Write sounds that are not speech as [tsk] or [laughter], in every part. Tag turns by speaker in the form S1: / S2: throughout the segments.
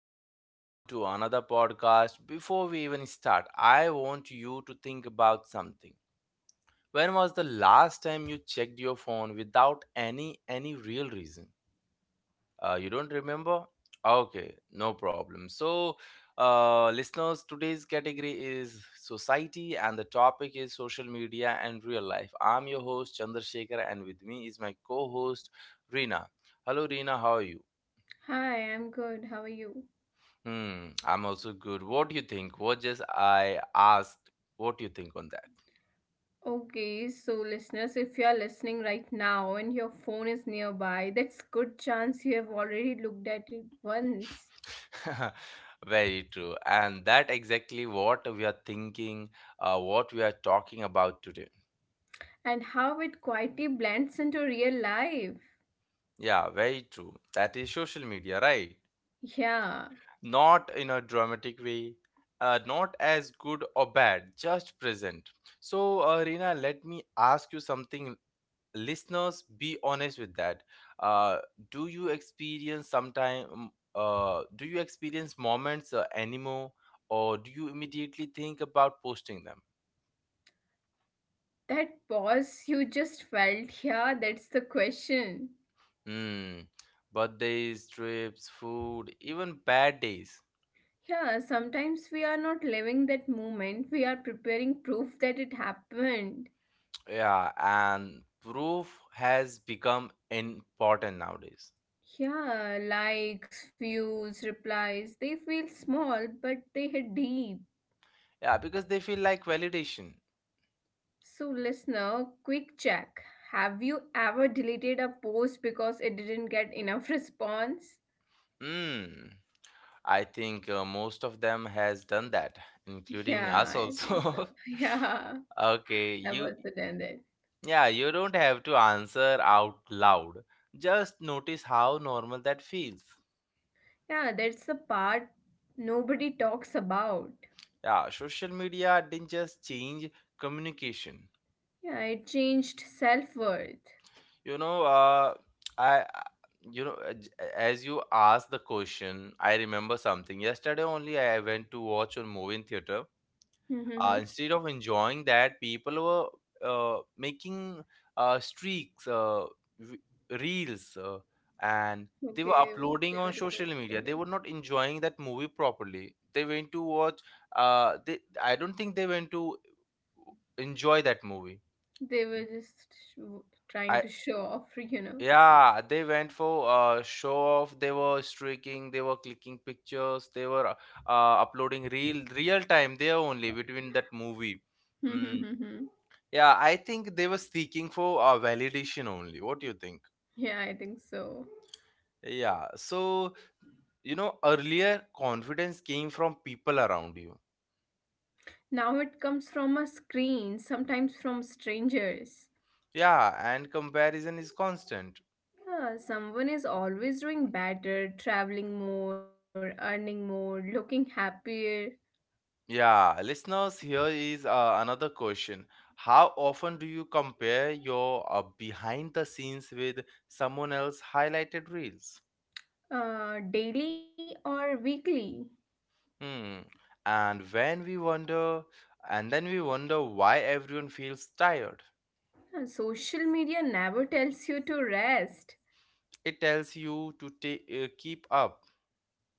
S1: back, everyone, to another podcast. Before we even start, I want you to think about something. When was the last time you checked your phone without any real reason? You don't remember? Okay, no problem. So, listeners, today's category is society, and the topic is social media and real life. I'm your host Chandrasekhar, and with me is my co-host Reena. Hello, Reena. How are you?
S2: Hi, I'm good. How are you?
S1: Hmm, I'm also good. What do you think? What just I asked, what do you think on
S2: Okay, so listeners, if you are listening right now and your phone is nearby, that's good chance you have already looked at it once
S1: that? [laughs] Very true. And that exactly what we are thinking, what we are talking about today.
S2: and how it quietly blends into real life.
S1: Yeah, very true. That is social media, right?
S2: Yeah,
S1: Not in a dramatic way, not as good or bad, just present. So, Reena, let me ask you something, listeners, be honest with that. uh, do you experience sometime, do you experience moments anymore, or do you immediately think about posting them?
S2: that pause you just felt, yeah, that's the question.
S1: Hmm. Birthdays, trips, food, even bad days.
S2: Yeah, sometimes we are not living that moment, we are preparing proof that it happened.
S1: Yeah, and proof has become important nowadays.
S2: Yeah, likes, views, replies, they feel small, but they hit deep.
S1: Yeah, because they feel like validation.
S2: So, listener, quick check. Have you ever deleted a post because it didn't get enough [laughs] response?
S1: Hmm. I think most of them has done that, including
S2: Yeah,
S1: us
S2: I think so.
S1: also.
S2: [laughs]
S1: [laughs]
S2: Yeah,
S1: Okay,
S2: that
S1: you,
S2: was the ended.
S1: yeah, you don't have to answer out loud. Just notice how normal that feels.
S2: Yeah, that's the part nobody talks about.
S1: Yeah, social media didn't just change communication.
S2: Yeah, it changed self worth.
S1: You know, I- you know j- As you asked the question, I remember something. Yesterday only I went to watch a movie in theater.
S2: [laughs] Okay,
S1: Instead of enjoying that, people were making streaks, v- reels, and they were uploading
S2: they
S1: on
S2: were
S1: social
S2: recording.
S1: media. They were not enjoying that movie properly. They went to watch. They, I don't think they went to enjoy that movie.
S2: They were just sh-
S1: I,
S2: trying to show off, [laughs] you know.
S1: yeah, they went for show off. They were streaking. They were clicking pictures. They were uploading real time there only between that movie. Mm.
S2: [laughs]
S1: Yeah, I think they were seeking for validation only. What do you think?
S2: Yeah, I think so.
S1: Yeah, so you know, earlier confidence came from people around you.
S2: Now it comes from a screen, sometimes from strangers.
S1: Yeah, and comparison is constant.
S2: Yeah, someone is always doing better, traveling more, earning more, looking happier,
S1: Yeah, listeners, here is another question. How often do you compare your behind the scenes with someone else highlighted reels?
S2: daily or weekly.
S1: Hmm. And when we wonder, and then we wonder why everyone feels tired.
S2: Yeah, social media never tells you to rest,
S1: It tells you to keep up.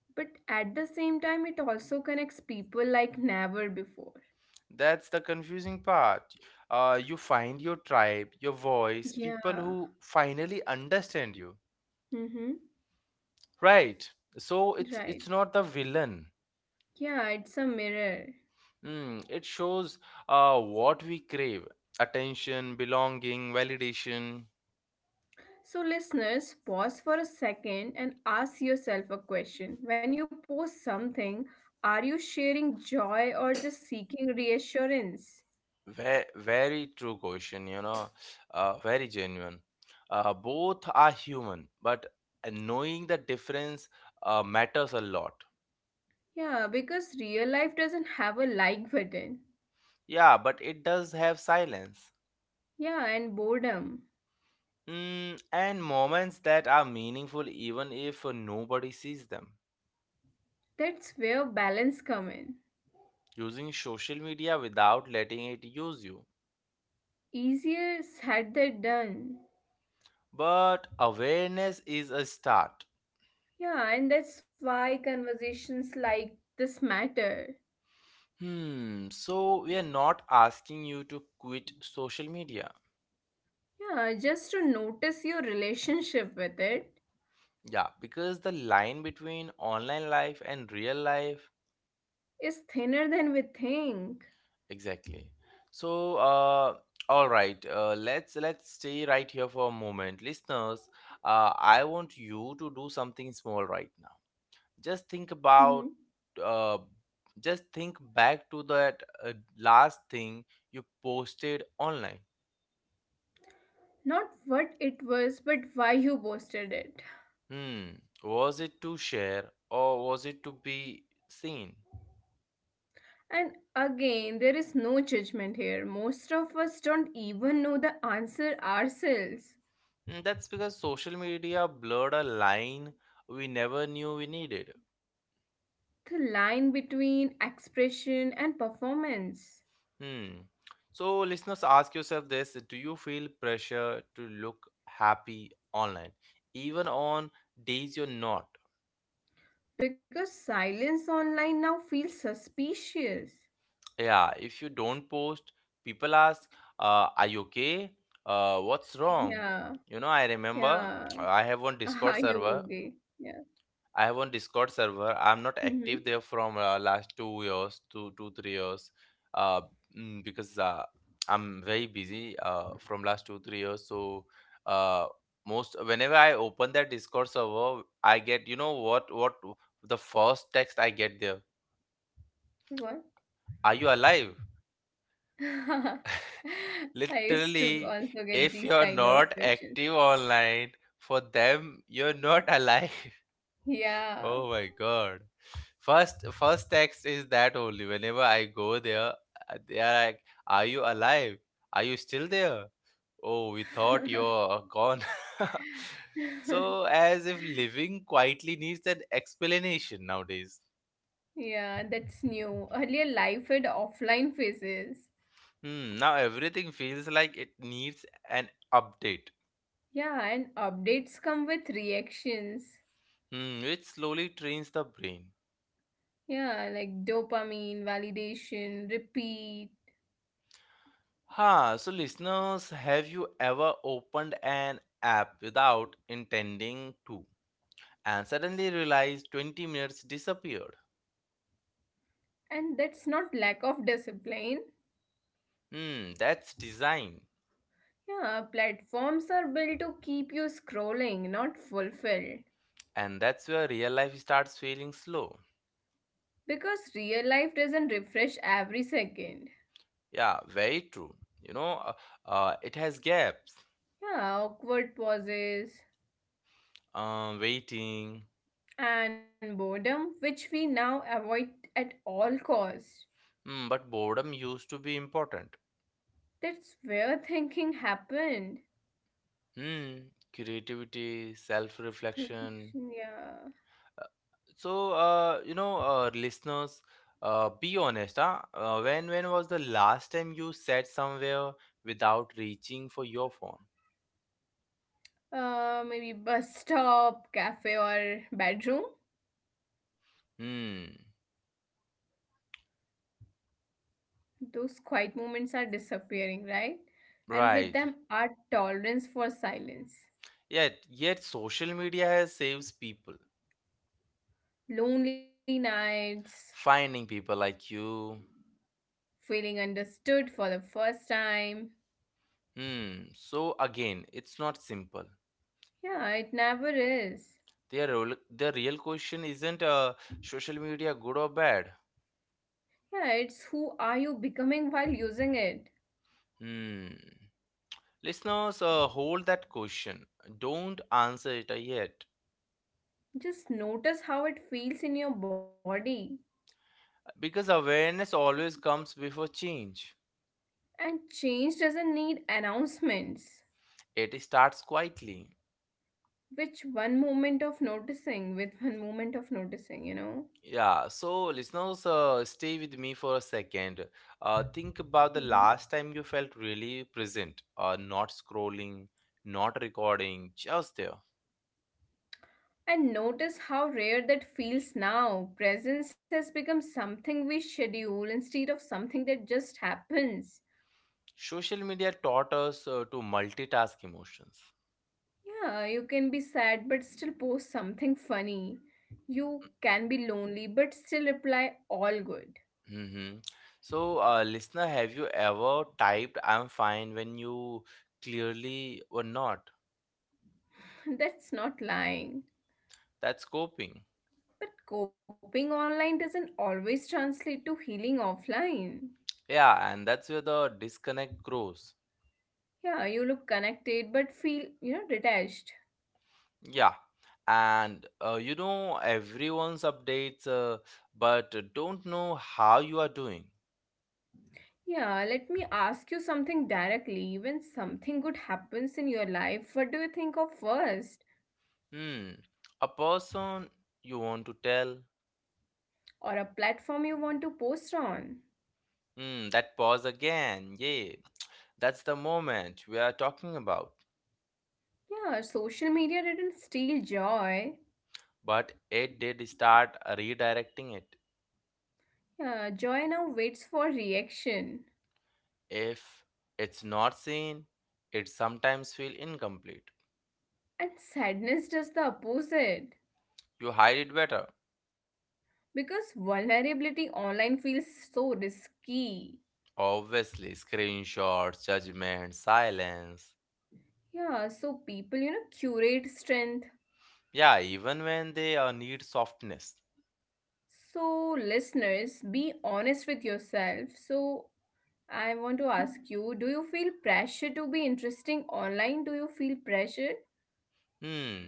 S2: but at the same time, it also connects people like never before.
S1: That's the confusing part. You find your tribe, your voice, people
S2: Yeah.
S1: who finally understand you.
S2: Mm-hmm.
S1: Right. So it's
S2: Right.
S1: not the villain.
S2: Yeah, it's a mirror.
S1: Mm, it shows what we crave: attention, belonging, validation.
S2: So, listeners, pause for a second and ask yourself a question. When you post something, are you sharing joy or just seeking reassurance?
S1: Very, very true question. You know, very genuine. Both are human, but knowing the difference matters a lot.
S2: Yeah, because real life doesn't have a like button.
S1: Yeah, but it does have silence.
S2: Yeah, and boredom.
S1: Mm, and moments that are meaningful even if nobody sees them.
S2: That's where balance come in.
S1: Using social media without letting it use you.
S2: Easier said than done.
S1: But awareness is a start.
S2: Yeah, and that's why conversations like this matter.
S1: Hmm, so we are not asking you to quit social media.
S2: Yeah, just to notice your relationship with it
S1: Yeah, because the line between online life and real life,
S2: is thinner than we think.
S1: exactly. So, all right, let's stay right here for a moment, listeners. I want you to do something small right now. Just think
S2: Hmm.
S1: about, uh, just think back to that last thing you posted online.
S2: Not what it was, but why you posted it.
S1: Hmm. Was it to share, or was it to be seen?
S2: And again, there is no judgment here. Most of us don't even know the answer ourselves.
S1: Hmm, that's because social media blurred a line we never knew we needed.
S2: The line between expression and performance.
S1: Hmm. So listeners, ask yourself this: do you feel pressure to look happy online even on days you're not?
S2: Because silence online now feels suspicious.
S1: Yeah, if you don't post, people ask, "Are you okay? What's wrong?"
S2: Yeah,
S1: You know, I remember,
S2: yeah.
S1: [tsk] I have one
S2: [laughs]
S1: Discord
S2: Are
S1: server.
S2: you okay? Yeah.
S1: I have one Discord server. I'm not
S2: Mm-hmm.
S1: active there from last 2 years, two three years, uh, because I'm very busy from last 2 3 years. So uh, most whenever I open that Discord server, I get, you know what the first text I get there.
S2: What?
S1: Are you alive?
S2: [laughs] I used to
S1: Literally,
S2: also get
S1: if
S2: these
S1: you're
S2: kind
S1: not
S2: of questions.
S1: active online, for them, you're not alive. [laughs] Oh
S2: Yeah.
S1: my god. First text is that only. Whenever I go there, they are like, "Are you alive? Are you still there? Oh, we thought you're gone." [laughs] So,
S2: [laughs]
S1: as if living quietly needs an explanation nowadays.
S2: Yeah, that's new. Earlier, life had offline phases.
S1: Hmm, now everything feels like it needs an update.
S2: Yeah, and updates come with reactions.
S1: Hmm, which slowly trains the brain.
S2: Yeah, like dopamine, validation, repeat.
S1: Ha, so listeners, have you ever opened an app without intending to, and suddenly realized 20 minutes disappeared?
S2: And that's not lack of discipline.
S1: Hmm, that's design.
S2: Yeah, platforms are built to keep you scrolling, not fulfilled.
S1: And that's where real life starts feeling slow.
S2: Because real life doesn't refresh every second.
S1: Yeah, very true. You know, uh, it has gaps,
S2: Yeah, awkward pauses
S1: waiting.
S2: and boredom, which we now avoid at all costs.
S1: Hmm, but boredom used to be important.
S2: That's where thinking happened.
S1: Hmm, creativity, self reflection.
S2: [laughs] Yeah.
S1: So, listeners, be honest, huh? When was the last time you sat somewhere without reaching for your phone?
S2: Maybe bus stop, cafe, or bedroom.
S1: Hmm.
S2: Those quiet moments are disappearing, right? And with
S1: Right.
S2: them, our tolerance for silence.
S1: Yet, yet social media has saves people,
S2: Lonely nights,
S1: finding people like you.
S2: feeling understood for the first time.
S1: Hmm. So again, it's not simple.
S2: Yeah, it never is.
S1: The real question isn't social media good or bad.
S2: Yeah, it's who are you becoming while using it.
S1: Hmm. Listeners, hold that question. Don't answer it yet.
S2: Just notice how it feels in your body.
S1: Because awareness always comes before change.
S2: And change doesn't need announcements.
S1: It starts quietly.
S2: Which one moment of noticing with one moment of noticing, you know.
S1: Yeah, so listeners, stay with me for a second. Think about the
S2: hmm
S1: last time you felt really present, not scrolling, not recording, just there.
S2: and notice how rare that feels now. Presence has become something we schedule instead of something that just happens.
S1: Social media taught us to multitask emotions.
S2: Yeah, you can be sad but still post something funny. You can be lonely but still reply all good.
S1: Hmm. So, listener, have you ever typed "I'm fine" when you clearly were not?
S2: [laughs] That's not lying,
S1: That's coping.
S2: but coping online doesn't always translate to healing offline.
S1: Yeah, and that's where the disconnect grows.
S2: Yeah, you look connected but feel detached.
S1: Yeah, and you know everyone's updates, but don't know how you are doing.
S2: Yeah, let me ask you something directly. When something good happens in your life, what do you think of first?
S1: Hmm, a person you want to tell.
S2: Or a platform you want to post on?
S1: Hmm, that pause again. Yeah, that's the moment we are talking about.
S2: Yeah, social media didn't steal joy.
S1: But it did start redirecting it.
S2: Yeah, joy now waits for reaction.
S1: If it's not seen, it sometimes feel incomplete.
S2: And sadness does the opposite.
S1: You hide it better.
S2: Because vulnerability online feels so risky.
S1: Obviously, screenshots, judgment, silence.
S2: Yeah, so people curate strength.
S1: Yeah, even when they need softness.
S2: So, listeners, be honest with yourself. So, I want to ask you, do you feel pressure to be interesting online? Do you feel pressure?
S1: Hmm.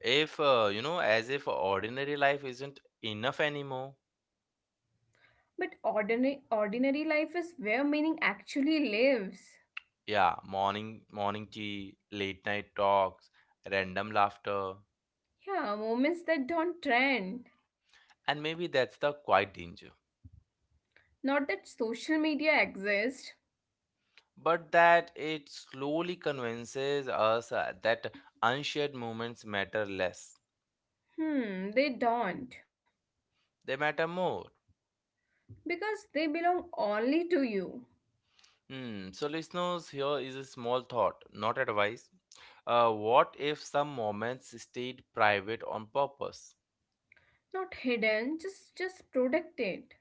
S1: If you know, as if ordinary life isn't enough anymore.
S2: But ordinary life is where meaning actually lives.
S1: Yeah, morning tea, late night talks, random laughter,
S2: Yeah, moments that don't trend.
S1: and maybe that's the quiet danger.
S2: Not that social media exists.
S1: But that it slowly convinces us that unshared moments matter less.
S2: Hmm, they don't.
S1: They matter more.
S2: Because they belong only to you.
S1: Hmm. So, listeners, here is a small thought, not advice. What if some moments stayed private on purpose?
S2: Not hidden, just protected.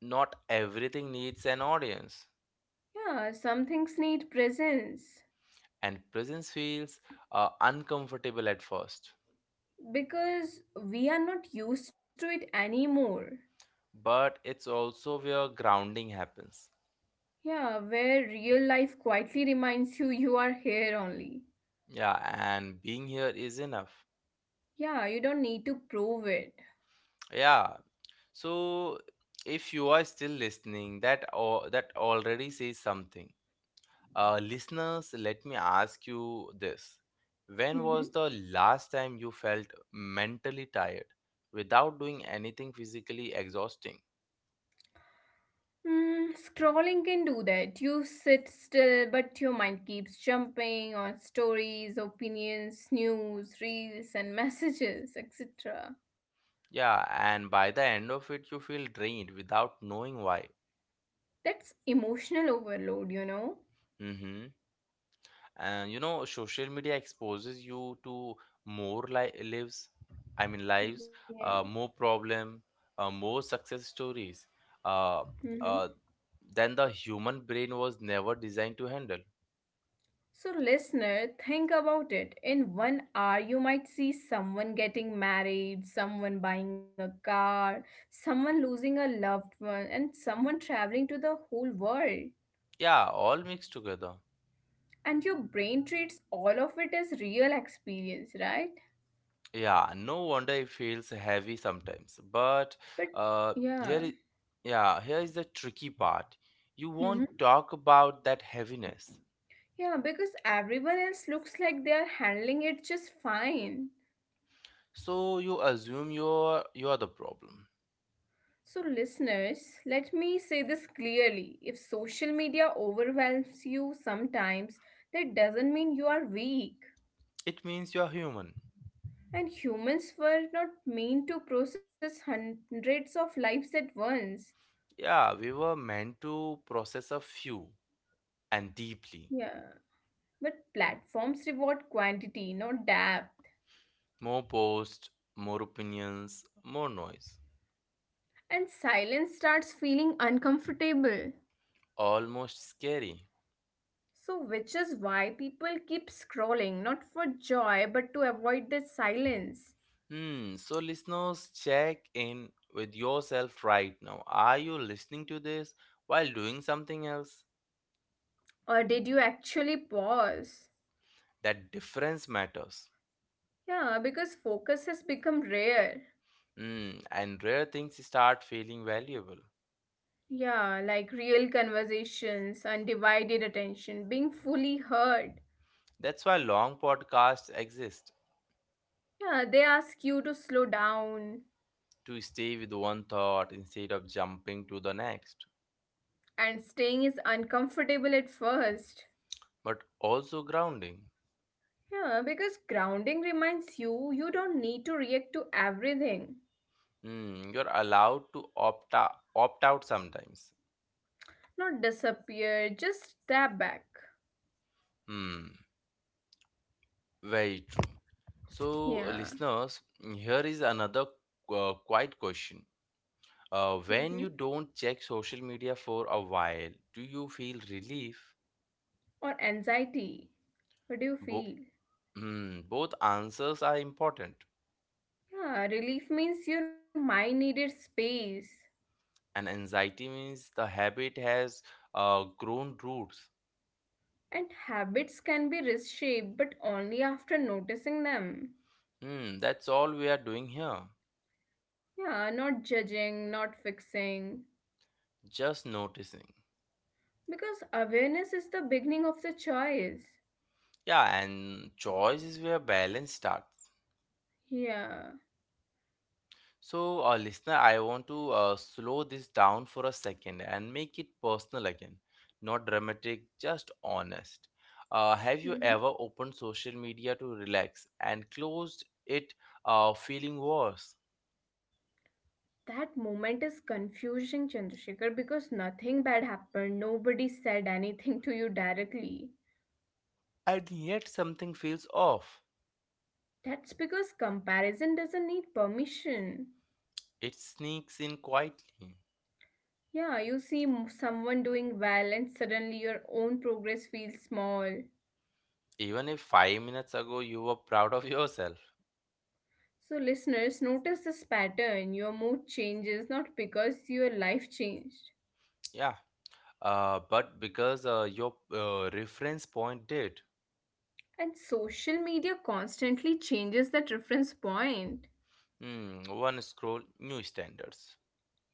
S1: Not everything needs an audience,
S2: Yeah, some things need presence.
S1: and presence feels uncomfortable at first,
S2: Because we are not used to it anymore.
S1: but it's also where grounding happens.
S2: Yeah, where real life quietly reminds you you are here only.
S1: Yeah, and being here is enough.
S2: Yeah, you don't need to prove it.
S1: Yeah. So, if you are still listening, that already says something. Listeners, let me ask you this. When
S2: Mm-hmm.
S1: was the last time you felt mentally tired without doing anything physically exhausting?
S2: Scrolling can do that. You sit still, but your mind keeps jumping on stories, opinions, news, reels, and messages, etc.
S1: Yeah, and by the end of it, you feel drained without knowing why.
S2: That's emotional overload, you know?
S1: Mm-hmm. And you know, social media exposes you to more li- lives, I mean, lives,
S2: Yeah.
S1: more problem, more success stories uh, uh, than the human brain was never designed to handle.
S2: So, listener, think about it. In 1 hour, you might see someone getting married, someone buying a car, someone losing a loved one, and someone traveling to the whole world.
S1: Yeah, all mixed together.
S2: And your brain treats all of it as real experience, right?
S1: Yeah, no wonder it feels heavy sometimes. But
S2: But
S1: uh,
S2: yeah.
S1: here, I- yeah, Here is the tricky part. You
S2: Mhm.
S1: won't talk about that heaviness,
S2: Yeah, because everyone else looks like they are handling it just fine.
S1: so you assume you're the problem.
S2: So, listeners, let me say this clearly. If social media overwhelms you sometimes, that doesn't mean you are weak.
S1: It means you're human.
S2: And humans were not meant to process hundreds of lives at once.
S1: Yeah, we were meant to process a few and deeply.
S2: Yeah. But platforms reward quantity, not depth.
S1: More posts, more opinions, more noise.
S2: And silence starts feeling uncomfortable.
S1: Almost scary.
S2: So, which is why people keep scrolling, not for joy, but to avoid the silence.
S1: Hmm. So, listeners, check in with yourself right now. Are you listening to this while doing something else?
S2: Or did you actually pause?
S1: That difference matters.
S2: Yeah, because focus has become rare.
S1: Hmm. And rare things start feeling valuable.
S2: Yeah, like real conversations, undivided attention, being fully heard.
S1: That's why long podcasts exist,
S2: Yeah, they ask you to slow down,
S1: to stay with one thought instead of jumping to the next,
S2: and staying is uncomfortable at first.
S1: but also grounding.
S2: Yeah, because grounding reminds you you don't need to react to everything.
S1: Hmm. You're allowed to opt out sometimes.
S2: Not disappear, just step back.
S1: Hmm. Very true. So,
S2: Yeah.
S1: listeners, here is another quiet question.
S2: Mm-hmm.
S1: When you don't check social media for a while, do you feel relief?
S2: Or anxiety. What do you
S1: Bo-
S2: feel?
S1: hmm, both answers are important.
S2: Yeah, relief means your mind needed space.
S1: And anxiety means the habit has grown roots.
S2: And habits can be reshaped, but only after noticing them.
S1: Hmm, that's all we are doing here.
S2: Yeah, not judging, not fixing.
S1: Just noticing.
S2: Because awareness is the beginning of the choice.
S1: Yeah, and choice is where balance starts.
S2: Yeah.
S1: So, listener, I want to slow this down for a second and make it personal again. Not dramatic, just honest. Have you
S2: hmm
S1: ever opened social media to relax and closed it feeling worse?
S2: That moment is confusing, Chandrasekhar, because nothing bad happened. Nobody said anything to you directly.
S1: And yet something feels off.
S2: That's because comparison doesn't need permission.
S1: It sneaks in quietly.
S2: Yeah, you see someone doing well, and suddenly your own progress feels small.
S1: Even if 5 minutes ago you were proud of yourself.
S2: So, listeners, notice this pattern. Your mood changes not because your life changed.
S1: Yeah. But because your reference point did.
S2: And social media constantly changes that reference point.
S1: Hmm, one scroll, new standards.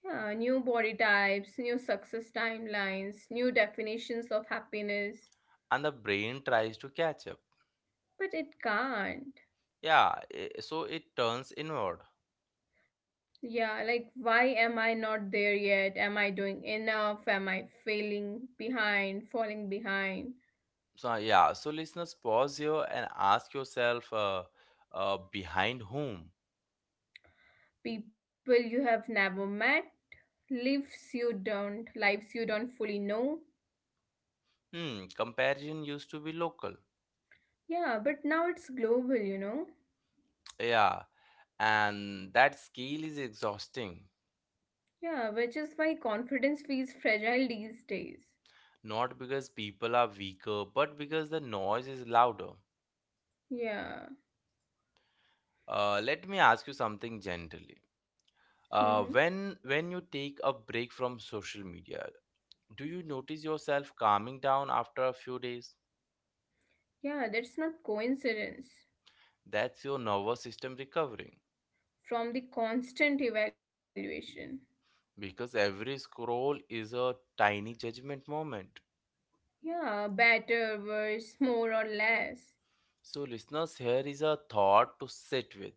S2: Yeah, new body types, new success timelines, new definitions of happiness.
S1: And the brain tries to catch up.
S2: But it can't.
S1: Yeah, so it turns inward.
S2: Yeah, like, why am I not there yet? Am I doing enough? Am I falling behind?
S1: So, yeah, so listeners, pause here and ask yourself, behind whom?
S2: People you have never met, lives you don't fully know.
S1: Hmm, comparison used to be local.
S2: Yeah, but now it's global, you know.
S1: Yeah, and that scale is exhausting.
S2: Yeah, which is why confidence feels fragile these days.
S1: Not because people are weaker, but because the noise is louder.
S2: Yeah.
S1: Let me ask you something gently.
S2: hmm
S1: Uh, when when you take a break from social media, do you notice yourself calming down after a few days?
S2: Yeah, that's not coincidence.
S1: That's your nervous system recovering
S2: From the constant evaluation.
S1: because every scroll is a tiny judgment moment.
S2: Yeah, better, worse, more or less.
S1: So, listeners, here is a thought to sit with.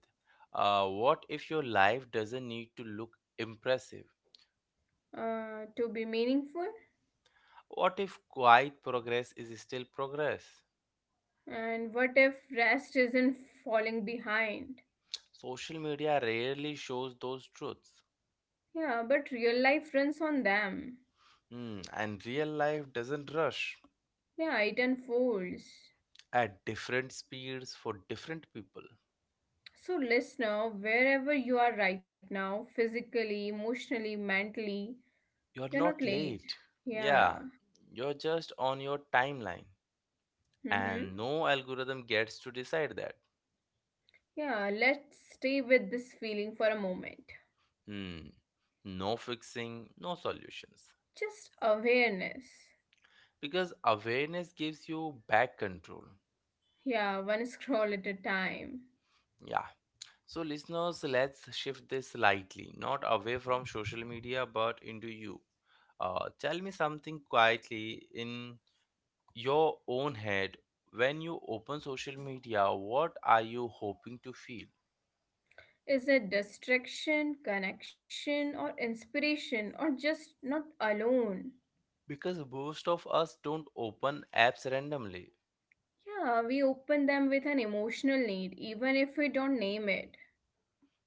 S1: What if your life doesn't need to look impressive?
S2: To be meaningful.
S1: What if quiet progress is still progress?
S2: And what if rest isn't falling behind?
S1: Social media rarely shows those truths.
S2: Yeah, but real life runs on them.
S1: Hmm, and real life doesn't rush
S2: Yeah, it unfolds.
S1: at different speeds for different people.
S2: So, listener, wherever you are right now, physically, emotionally, mentally,
S1: You're
S2: you're not
S1: not
S2: late.
S1: late. Yeah,
S2: Yeah.
S1: you're just on your timeline,
S2: Mm-hmm.
S1: and no algorithm gets to decide that.
S2: Yeah, let's stay with this feeling for a moment.
S1: Hmm, no fixing, no solutions.
S2: Just awareness.
S1: Because awareness gives you back control.
S2: Yeah, one [laughs] scroll at a time.
S1: Yeah. So, listeners, let's shift this slightly, not away from social media, but into you. Tell me something quietly in your own head. When you open social media, what are you hoping to feel?
S2: Is it distraction, connection, or inspiration, or just not alone?
S1: Because most of us don't open apps randomly.
S2: Yeah, we open them with an emotional need, even if we don't name it.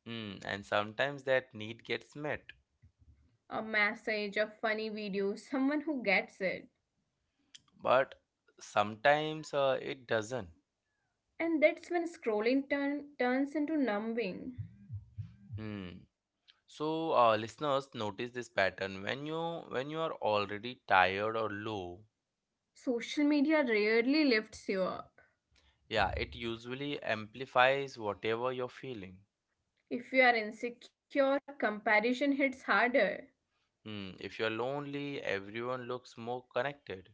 S1: Hmm, and sometimes that need gets met,
S2: A message, a funny video, someone who gets it.
S1: but sometimes it doesn't.
S2: And that's when scrolling turns into numbing.
S1: Hmm. So, listeners, notice this pattern. When you are already tired or low,
S2: Social media rarely lifts you up.
S1: yeah, it usually amplifies whatever you're feeling.
S2: If you are insecure, comparison hits harder.
S1: Hmm. If you're lonely, everyone looks more connected.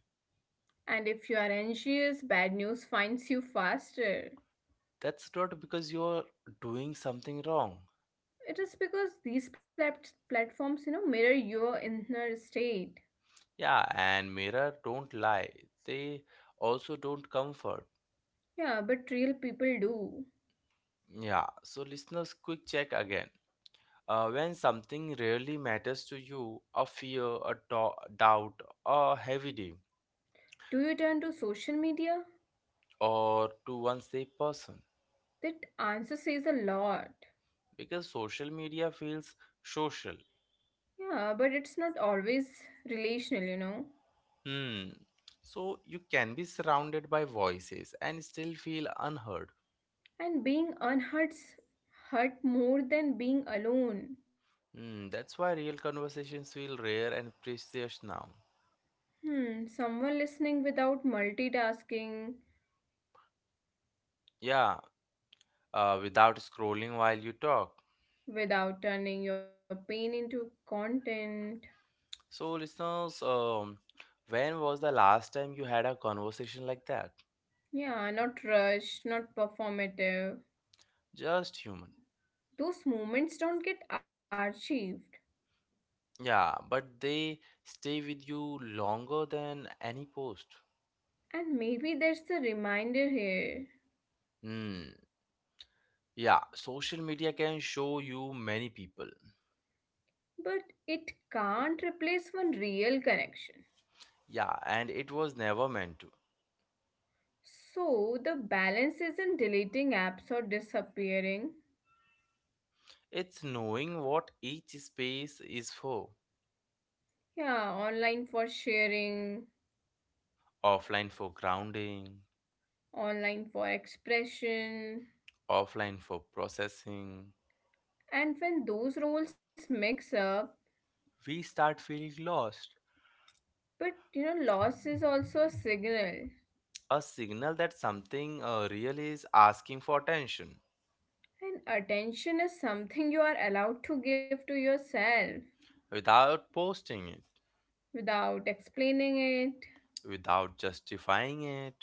S2: And if you are anxious, bad news finds you faster.
S1: That's not because you're doing something wrong.
S2: It is because these platforms, mirror your inner state.
S1: Yeah, and mirror don't lie. They also don't comfort.
S2: Yeah, but real people do.
S1: Yeah, so listeners, quick check again. When something really matters to you, a fear, a doubt, a heavy day,
S2: Do you turn to social media?
S1: or to one safe person,
S2: That answer says a lot.
S1: because social media feels social.
S2: Yeah, but it's not always relational.
S1: Hmm. So you can be surrounded by voices and still feel unheard.
S2: And being unhurts hurt more than being alone.
S1: Hmm. That's why real conversations feel rare and precious now.
S2: Hmm, someone listening without multitasking,
S1: Yeah. Without scrolling while you talk.
S2: without turning your pain into content.
S1: So listeners, when was the last time you had a conversation like that?
S2: Yeah, not rushed, not performative.
S1: Just human.
S2: Those moments don't get archived.
S1: Yeah, but they stay with you longer than any post.
S2: And maybe there's the reminder here,
S1: Hmm. Yeah, social media can show you many people.
S2: but it can't replace one real connection.
S1: Yeah, and it was never meant to.
S2: So the balance isn't deleting apps or disappearing.
S1: It's knowing what each space is for.
S2: Yeah, online for sharing,
S1: Offline for grounding,
S2: online for expression.
S1: offline for processing.
S2: And when those roles mix up,
S1: We start feeling lost.
S2: but loss is also a signal.
S1: A signal that something real is asking for attention
S2: And attention is something you are allowed to give to yourself
S1: without posting it,
S2: without explaining it.
S1: without justifying it.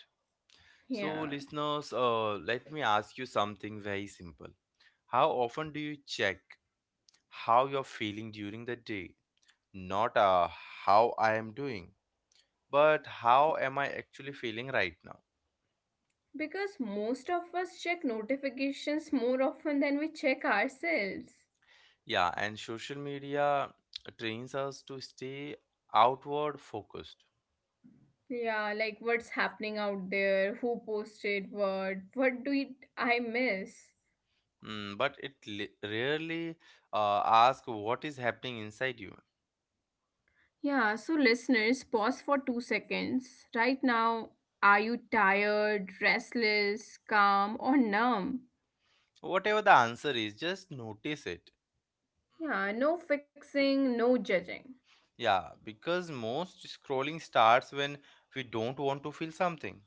S1: So,
S2: Yeah.
S1: listeners, uh, let me ask you something very simple. How often do you check how you're feeling during the day? Not how I am doing, but how am I actually feeling right now?
S2: Because most of us check notifications more often than we check ourselves.
S1: Yeah, and social media trains us to stay outward focused.
S2: Yeah, like what's happening out there, who posted what do it, I miss?
S1: Mm, but it li- rarely asks what is happening inside you.
S2: Yeah, so listeners, pause for 2 seconds. Right now, are you tired, restless, calm, or numb?
S1: Whatever the answer is, just notice it.
S2: Yeah, no fixing, no judging.
S1: Yeah, because most scrolling starts when we don't want to feel something.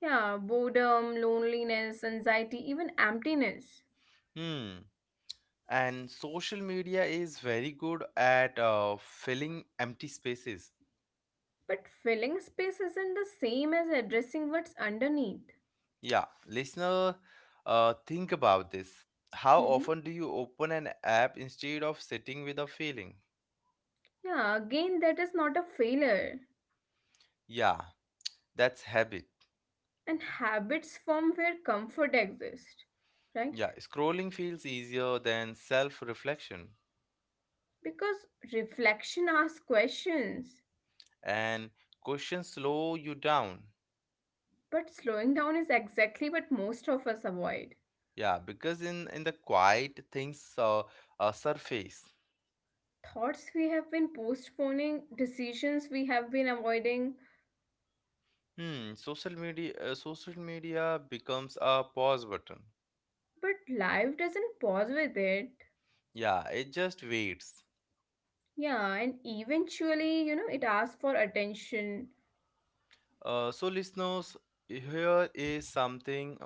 S2: Yeah, boredom, loneliness, anxiety, even emptiness.
S1: Hmm. And social media is very good at filling empty spaces.
S2: But filling space isn't the same as addressing what's underneath.
S1: Yeah, listener, think about this. How
S2: Hmm.
S1: often do you open an app instead of sitting with a feeling?
S2: Yeah, again, that is not a failure.
S1: Yeah, that's habit.
S2: And habits form where comfort exists, right?
S1: Yeah, scrolling feels easier than self reflection,
S2: Because reflection asks questions,
S1: and questions slow you down.
S2: but slowing down is exactly what most of us avoid.
S1: Yeah, because in the quiet things surface.
S2: Thoughts we have been postponing, decisions we have been avoiding,
S1: Hmm, social media becomes a pause button.
S2: but life doesn't pause with it.
S1: Yeah, it just waits.
S2: Yeah, and eventually, it asks for attention.
S1: So listeners, here is something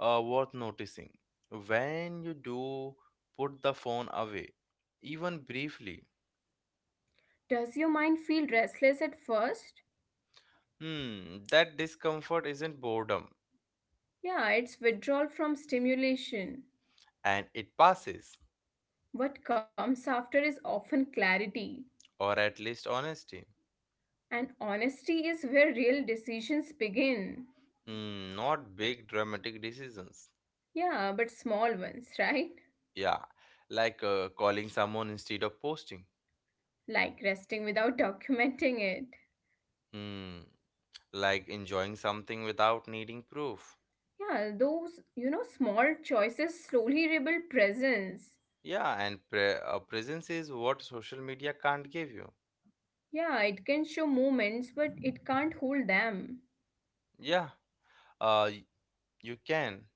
S1: uh, worth noticing. When you do put the phone away, even briefly,
S2: Does your mind feel restless at first?
S1: hmm, that discomfort isn't boredom,
S2: Yeah, it's withdrawal from stimulation.
S1: and it passes,
S2: What comes after is often clarity.
S1: or at least honesty.
S2: And honesty is where real decisions begin.
S1: Hmm, not big dramatic decisions.
S2: Yeah, but small ones, right?
S1: Yeah, like calling someone instead of posting.
S2: Like resting without documenting it.
S1: Hmm. Like enjoying something without needing proof.
S2: Yeah, those small choices slowly rebuild presence.
S1: Yeah, and presence is what social media can't give you.
S2: Yeah, it can show moments, but it can't hold them.
S1: Yeah, uh, y- you can.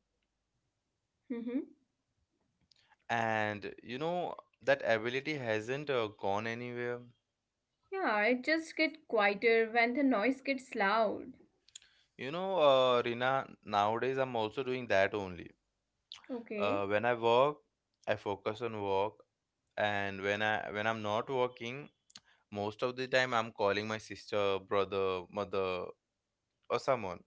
S2: Mm-hmm.
S1: And you know, that ability hasn't gone anywhere.
S2: Yeah, it just get quieter when the noise gets loud.
S1: You know, Rina, nowadays I'm also doing that only. Uh,
S2: Okay.
S1: when I work, I focus on work, and when I'm not working, most of the time I'm calling my sister, brother, mother, or someone.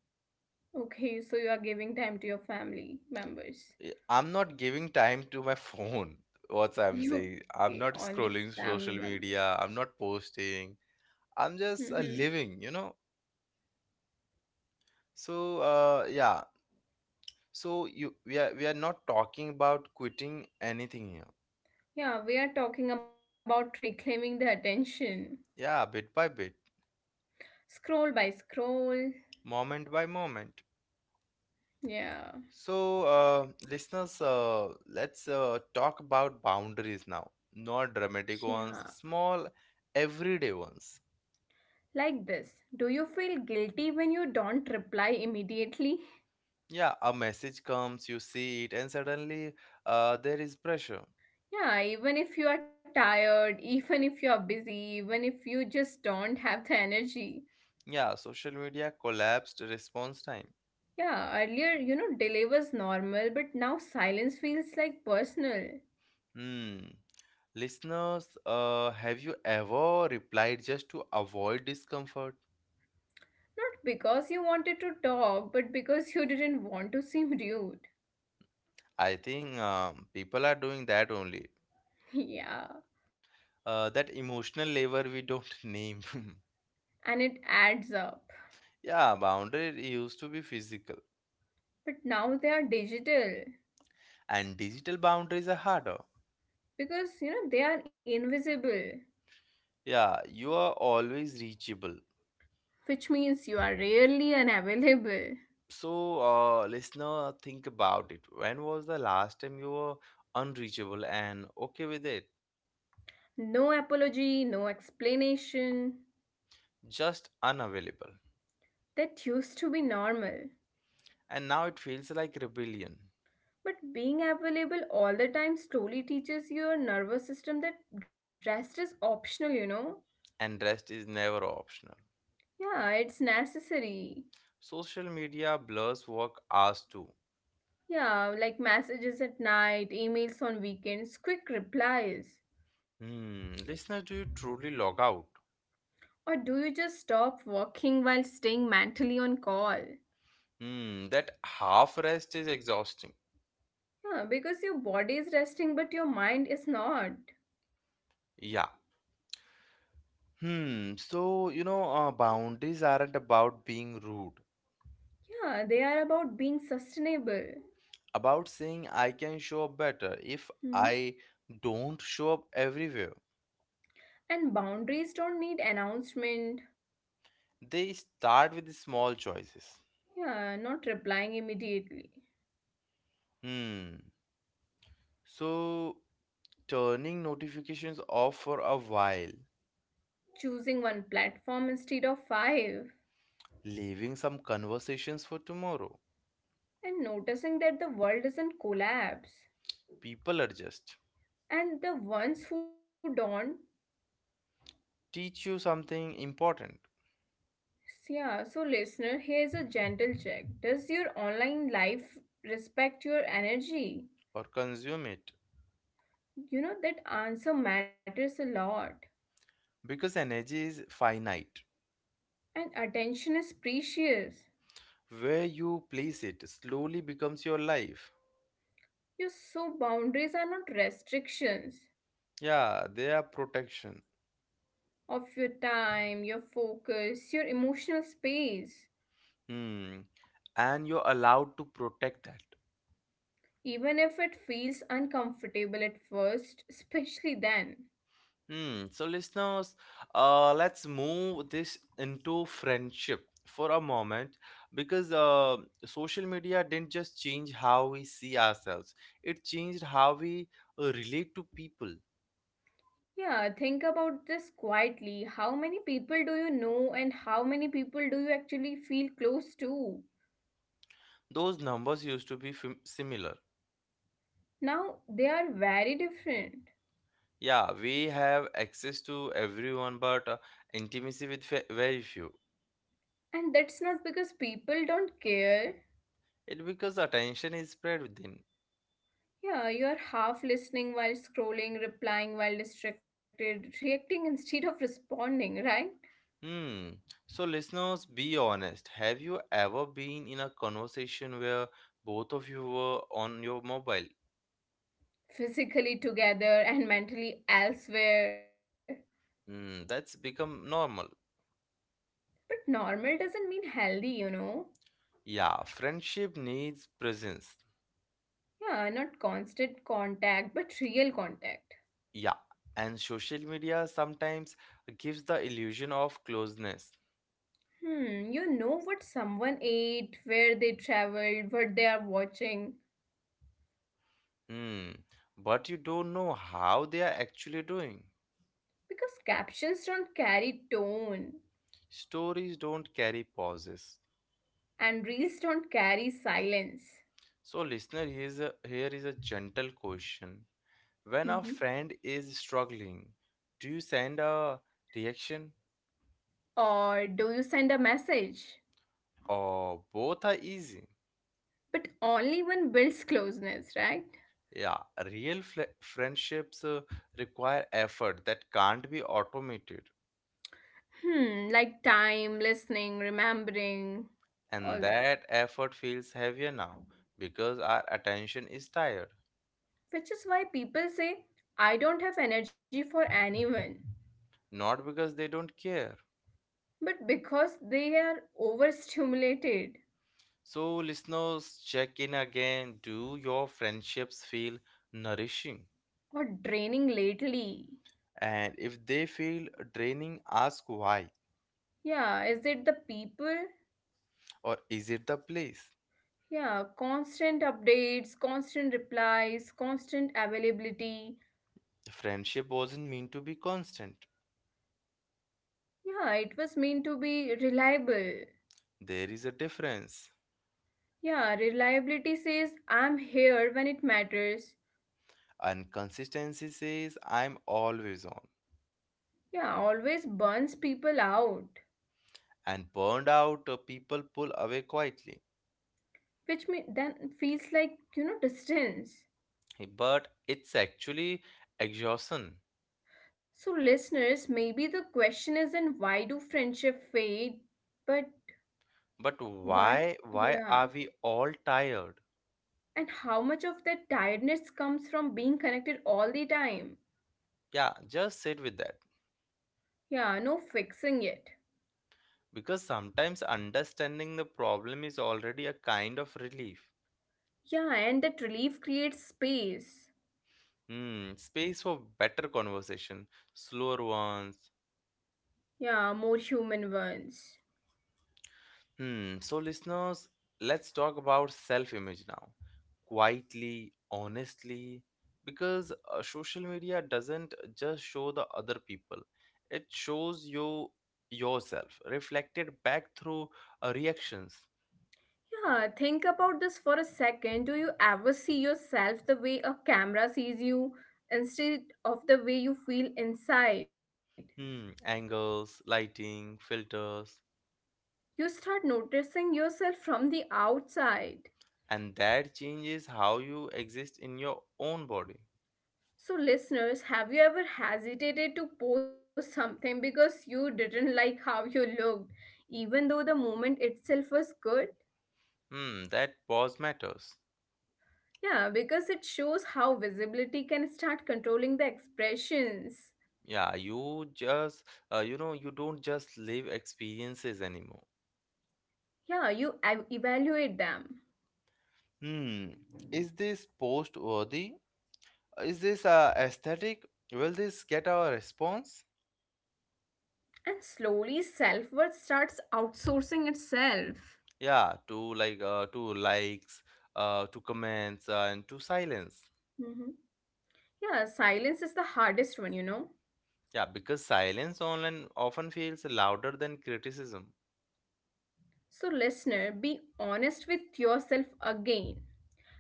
S2: Okay, so you are giving time to your family members. [laughs]
S1: I'm not giving time to my phone. [laughs] what I'm saying, I'm
S2: Okay,
S1: not
S2: only
S1: scrolling
S2: family
S1: social
S2: members.
S1: media, I'm not posting. I'm just
S2: [laughs]
S1: living, you know. So yeah, so you we are not talking about quitting anything here.
S2: Yeah, we are talking about reclaiming the attention.
S1: Yeah, bit by bit,
S2: Scroll by scroll.
S1: moment by moment.
S2: Yeah.
S1: So, listeners, let's talk about boundaries now. Not dramatic ones,
S2: Yeah.
S1: small, everyday ones.
S2: Like this. Do you feel guilty when you don't reply immediately?
S1: Yeah, a message comes, you see it, and suddenly there is pressure.
S2: Yeah, even if you are tired, even if you are busy, even if you just don't have the energy.
S1: Yeah, social media collapsed response time.
S2: Yeah, earlier, you know, delay was normal, but now silence feels like personal.
S1: Hmm. Listeners, have you ever replied just to avoid discomfort?
S2: Not because you wanted to talk, but because you didn't want to seem rude. [laughs]
S1: I think people are doing that only.
S2: Yeah,
S1: That emotional labor we don't [laughs] name. [laughs]
S2: and it adds up.
S1: Yeah, boundary used to be physical,
S2: But now they are digital
S1: and digital boundaries are harder.
S2: because you know they are invisible,
S1: Yeah, you are always reachable.
S2: which means you are rarely unavailable.
S1: So, listener, think about it. When was the last time you were unreachable and okay with it?
S2: No apology, no explanation.
S1: Just unavailable.
S2: That used to be normal.
S1: And now it feels like rebellion,
S2: But being available all the time slowly teaches your nervous system that rest is optional, you know?
S1: and rest is never optional.
S2: Yeah, it's necessary.
S1: Social media blurs work hours too.
S2: Yeah, like messages at night, emails on weekends, quick replies.
S1: Hmm, listener, do you truly log out?
S2: Or do you just stop working while staying mentally on call?
S1: Hmm, that half rest is exhausting.
S2: Yeah, because your body is resting, but your mind is not.
S1: Yeah. Hmm. So, you know, boundaries aren't about being rude,
S2: Yeah, they are about being sustainable.
S1: about saying I can show up better if I
S2: Mhm.
S1: don't show up everywhere.
S2: And boundaries don't need announcement.
S1: They start with the small choices.
S2: Yeah, not replying immediately.
S1: Hmm. So, turning notifications off for a while,
S2: Choosing one platform instead of five.
S1: leaving some conversations for tomorrow.
S2: And noticing that the world doesn't collapse.
S1: People adjust,
S2: And the ones who don't,
S1: teach you something important,
S2: yeah, so listener, here's a gentle check. Does your online life respect your energy?
S1: or consume it.
S2: You know, that answer matters a lot.
S1: Because energy is finite.
S2: And attention is precious.
S1: Where you place it slowly becomes your life.
S2: Your so boundaries are not restrictions
S1: Yeah, they are protection.
S2: of your time, your focus, your emotional space.
S1: Hmm. And you're allowed to protect that.
S2: Even if it feels uncomfortable at first, especially then.
S1: Hmm. So, listeners, let's move this into friendship for a moment because social media didn't just change how we see ourselves, it changed how we relate to people.
S2: Yeah, think about this quietly. How many people do you know and how many people do you actually feel close to?
S1: Those numbers used to be similar.
S2: Now, they are very different.
S1: Yeah, we have access to everyone, but intimacy with very few.
S2: And that's not because people don't care.
S1: It because attention is spread within.
S2: Yeah, you are half listening while scrolling, replying while distracted, reacting instead of responding, right?
S1: Hmm. So, listeners, be honest. Have you ever been in a conversation where both of you were on your mobile?
S2: Physically together and mentally elsewhere.
S1: Hmm, that's become normal.
S2: But normal doesn't mean healthy, you know?
S1: Yeah, friendship needs presence.
S2: Yeah, not constant contact, but real contact.
S1: Yeah, and social media sometimes gives the illusion of closeness.
S2: Hmm, you know what someone ate, where they traveled, what they are watching.
S1: Hmm, but you don't know how they are actually doing.
S2: Because captions don't carry tone,
S1: Stories don't carry pauses.
S2: and reels don't carry silence.
S1: So, listener, here is a gentle question. When a
S2: Mhm.
S1: friend is struggling, do you send a reaction
S2: Or do you send a message?
S1: or both are easy?
S2: But only one builds closeness, right?
S1: Yeah, real friendships require effort that can't be automated,
S2: Hmm, like time, listening, remembering,
S1: and
S2: all that.
S1: that effort feels heavier now because our attention is tired,
S2: Which is why people say, I don't have energy for anyone.
S1: not because they don't care.
S2: But because they are overstimulated
S1: So, listeners, check in again. Do your friendships feel nourishing?
S2: or draining lately.
S1: And if they feel draining, ask why
S2: Yeah, is it the people?
S1: or is it the place?
S2: Yeah, constant updates, constant replies, constant availability.
S1: Friendship wasn't meant to be constant.
S2: Yeah, it was meant to be reliable.
S1: There is a difference.
S2: Yeah, reliability says I'm here when it matters.
S1: And consistency says I'm always on.
S2: Yeah, always burns people out,
S1: And burned out people pull away quietly.
S2: which then feels like, you know, distance.
S1: But it's actually exhaustion.
S2: So, listeners, maybe the question isn't why do friendship fade, but
S1: But
S2: why?
S1: why are
S2: Yeah.
S1: we all tired?
S2: And how much of that tiredness comes from being connected all the time?
S1: Yeah, just sit with that.
S2: Yeah, no fixing it.
S1: Because sometimes understanding the problem is already a kind of relief.
S2: Yeah, and that relief creates space.
S1: Hmm, space for better conversation, slower ones.
S2: Yeah, more human ones.
S1: Hmm, so listeners, let's talk about self-image now. Quietly, honestly, because social media doesn't just show the other people. It shows you yourself reflected back through reactions,
S2: Yeah, think about this for a second. Do you ever see yourself the way a camera sees you instead of the way you feel inside?
S1: hmm, angles, lighting, filters,
S2: You start noticing yourself from the outside.
S1: and that changes how you exist in your own body.
S2: So, listeners, have you ever hesitated to post something because you didn't [laughs] like how you looked, even though the moment itself was good?
S1: Hmm, that pause matters.
S2: Yeah, because it shows how visibility can start controlling the expressions.
S1: Yeah, you just, you know, you don't just live experiences anymore.
S2: Yeah, you evaluate them.
S1: Hmm, is this post worthy? Is this aesthetic? Will this get our response?
S2: And slowly, self worth starts outsourcing itself.
S1: Yeah, to likes, to comments, and to silence.
S2: Hmm. Yeah, silence is the hardest one, you know.
S1: Yeah, because silence online often feels louder than criticism.
S2: So, listener, be honest with yourself again.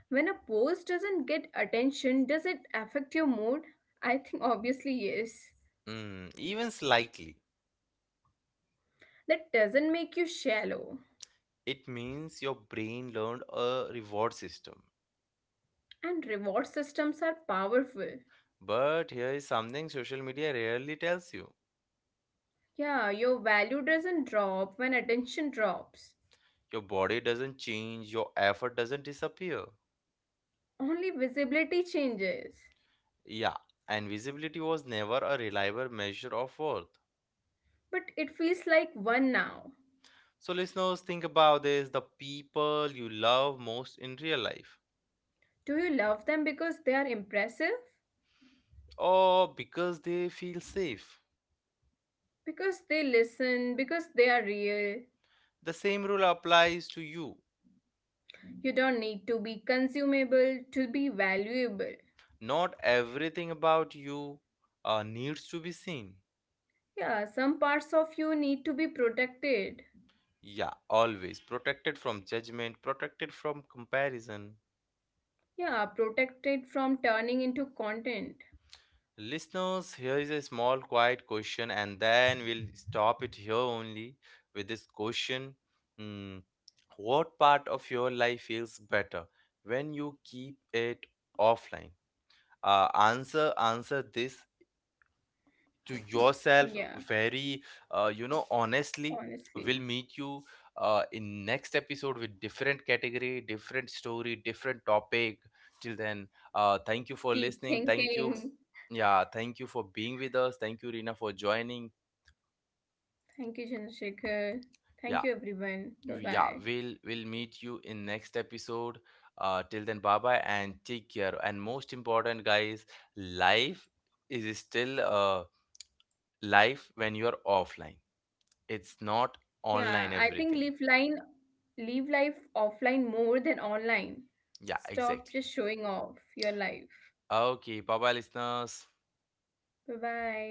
S2: When a post doesn't get attention, does it affect your mood? I think obviously yes.
S1: Mm, even slightly.
S2: That doesn't make you shallow.
S1: It means your brain learned a reward system.
S2: And reward systems are powerful.
S1: But here is something social media rarely tells you.
S2: Yeah, your value doesn't drop when attention drops.
S1: Your body doesn't change, your effort doesn't disappear.
S2: Only visibility changes.
S1: Yeah, and visibility was never a reliable measure of worth.
S2: But it feels like one now.
S1: So, listeners, think about this, the people you love most in real life,
S2: Do you love them because they are impressive?
S1: or because they feel safe.
S2: Because they listen, because they are real.
S1: The same rule applies to you.
S2: You don't need to be consumable to be valuable.
S1: Not everything about you needs to be seen.
S2: Yeah, some parts of you need to be protected.
S1: Yeah, always protected from judgment, protected from comparison.
S2: Yeah, protected from turning into content.
S1: Listeners, here is a small quiet question, and then we'll stop it here only with this question. Hmm, what part of your life feels better when you keep it offline? Answer this to yourself
S2: Yeah,
S1: very you know honestly.
S2: honestly.
S1: We'll meet you in next episode with different category, different story, different topic. Till then thank you for
S2: Keep
S1: listening, thank you.
S2: thinking.
S1: Yeah, thank you for being with us, thank you Rina for joining.
S2: Thank you, Chandrasekhar. Thank you,
S1: yeah
S2: everyone. Bye
S1: we-
S2: bye.
S1: yeah we'll we'll meet you in next episode. Till then, bye bye, and take care. And most important, guys, life is still life when you are offline. It's not
S2: Yeah, I
S1: online
S2: think live
S1: everything.
S2: line live life offline more than online.
S1: Yeah,
S2: Stop just
S1: exactly.
S2: showing off your life.
S1: Okay, bye bye, listeners.
S2: Bye bye.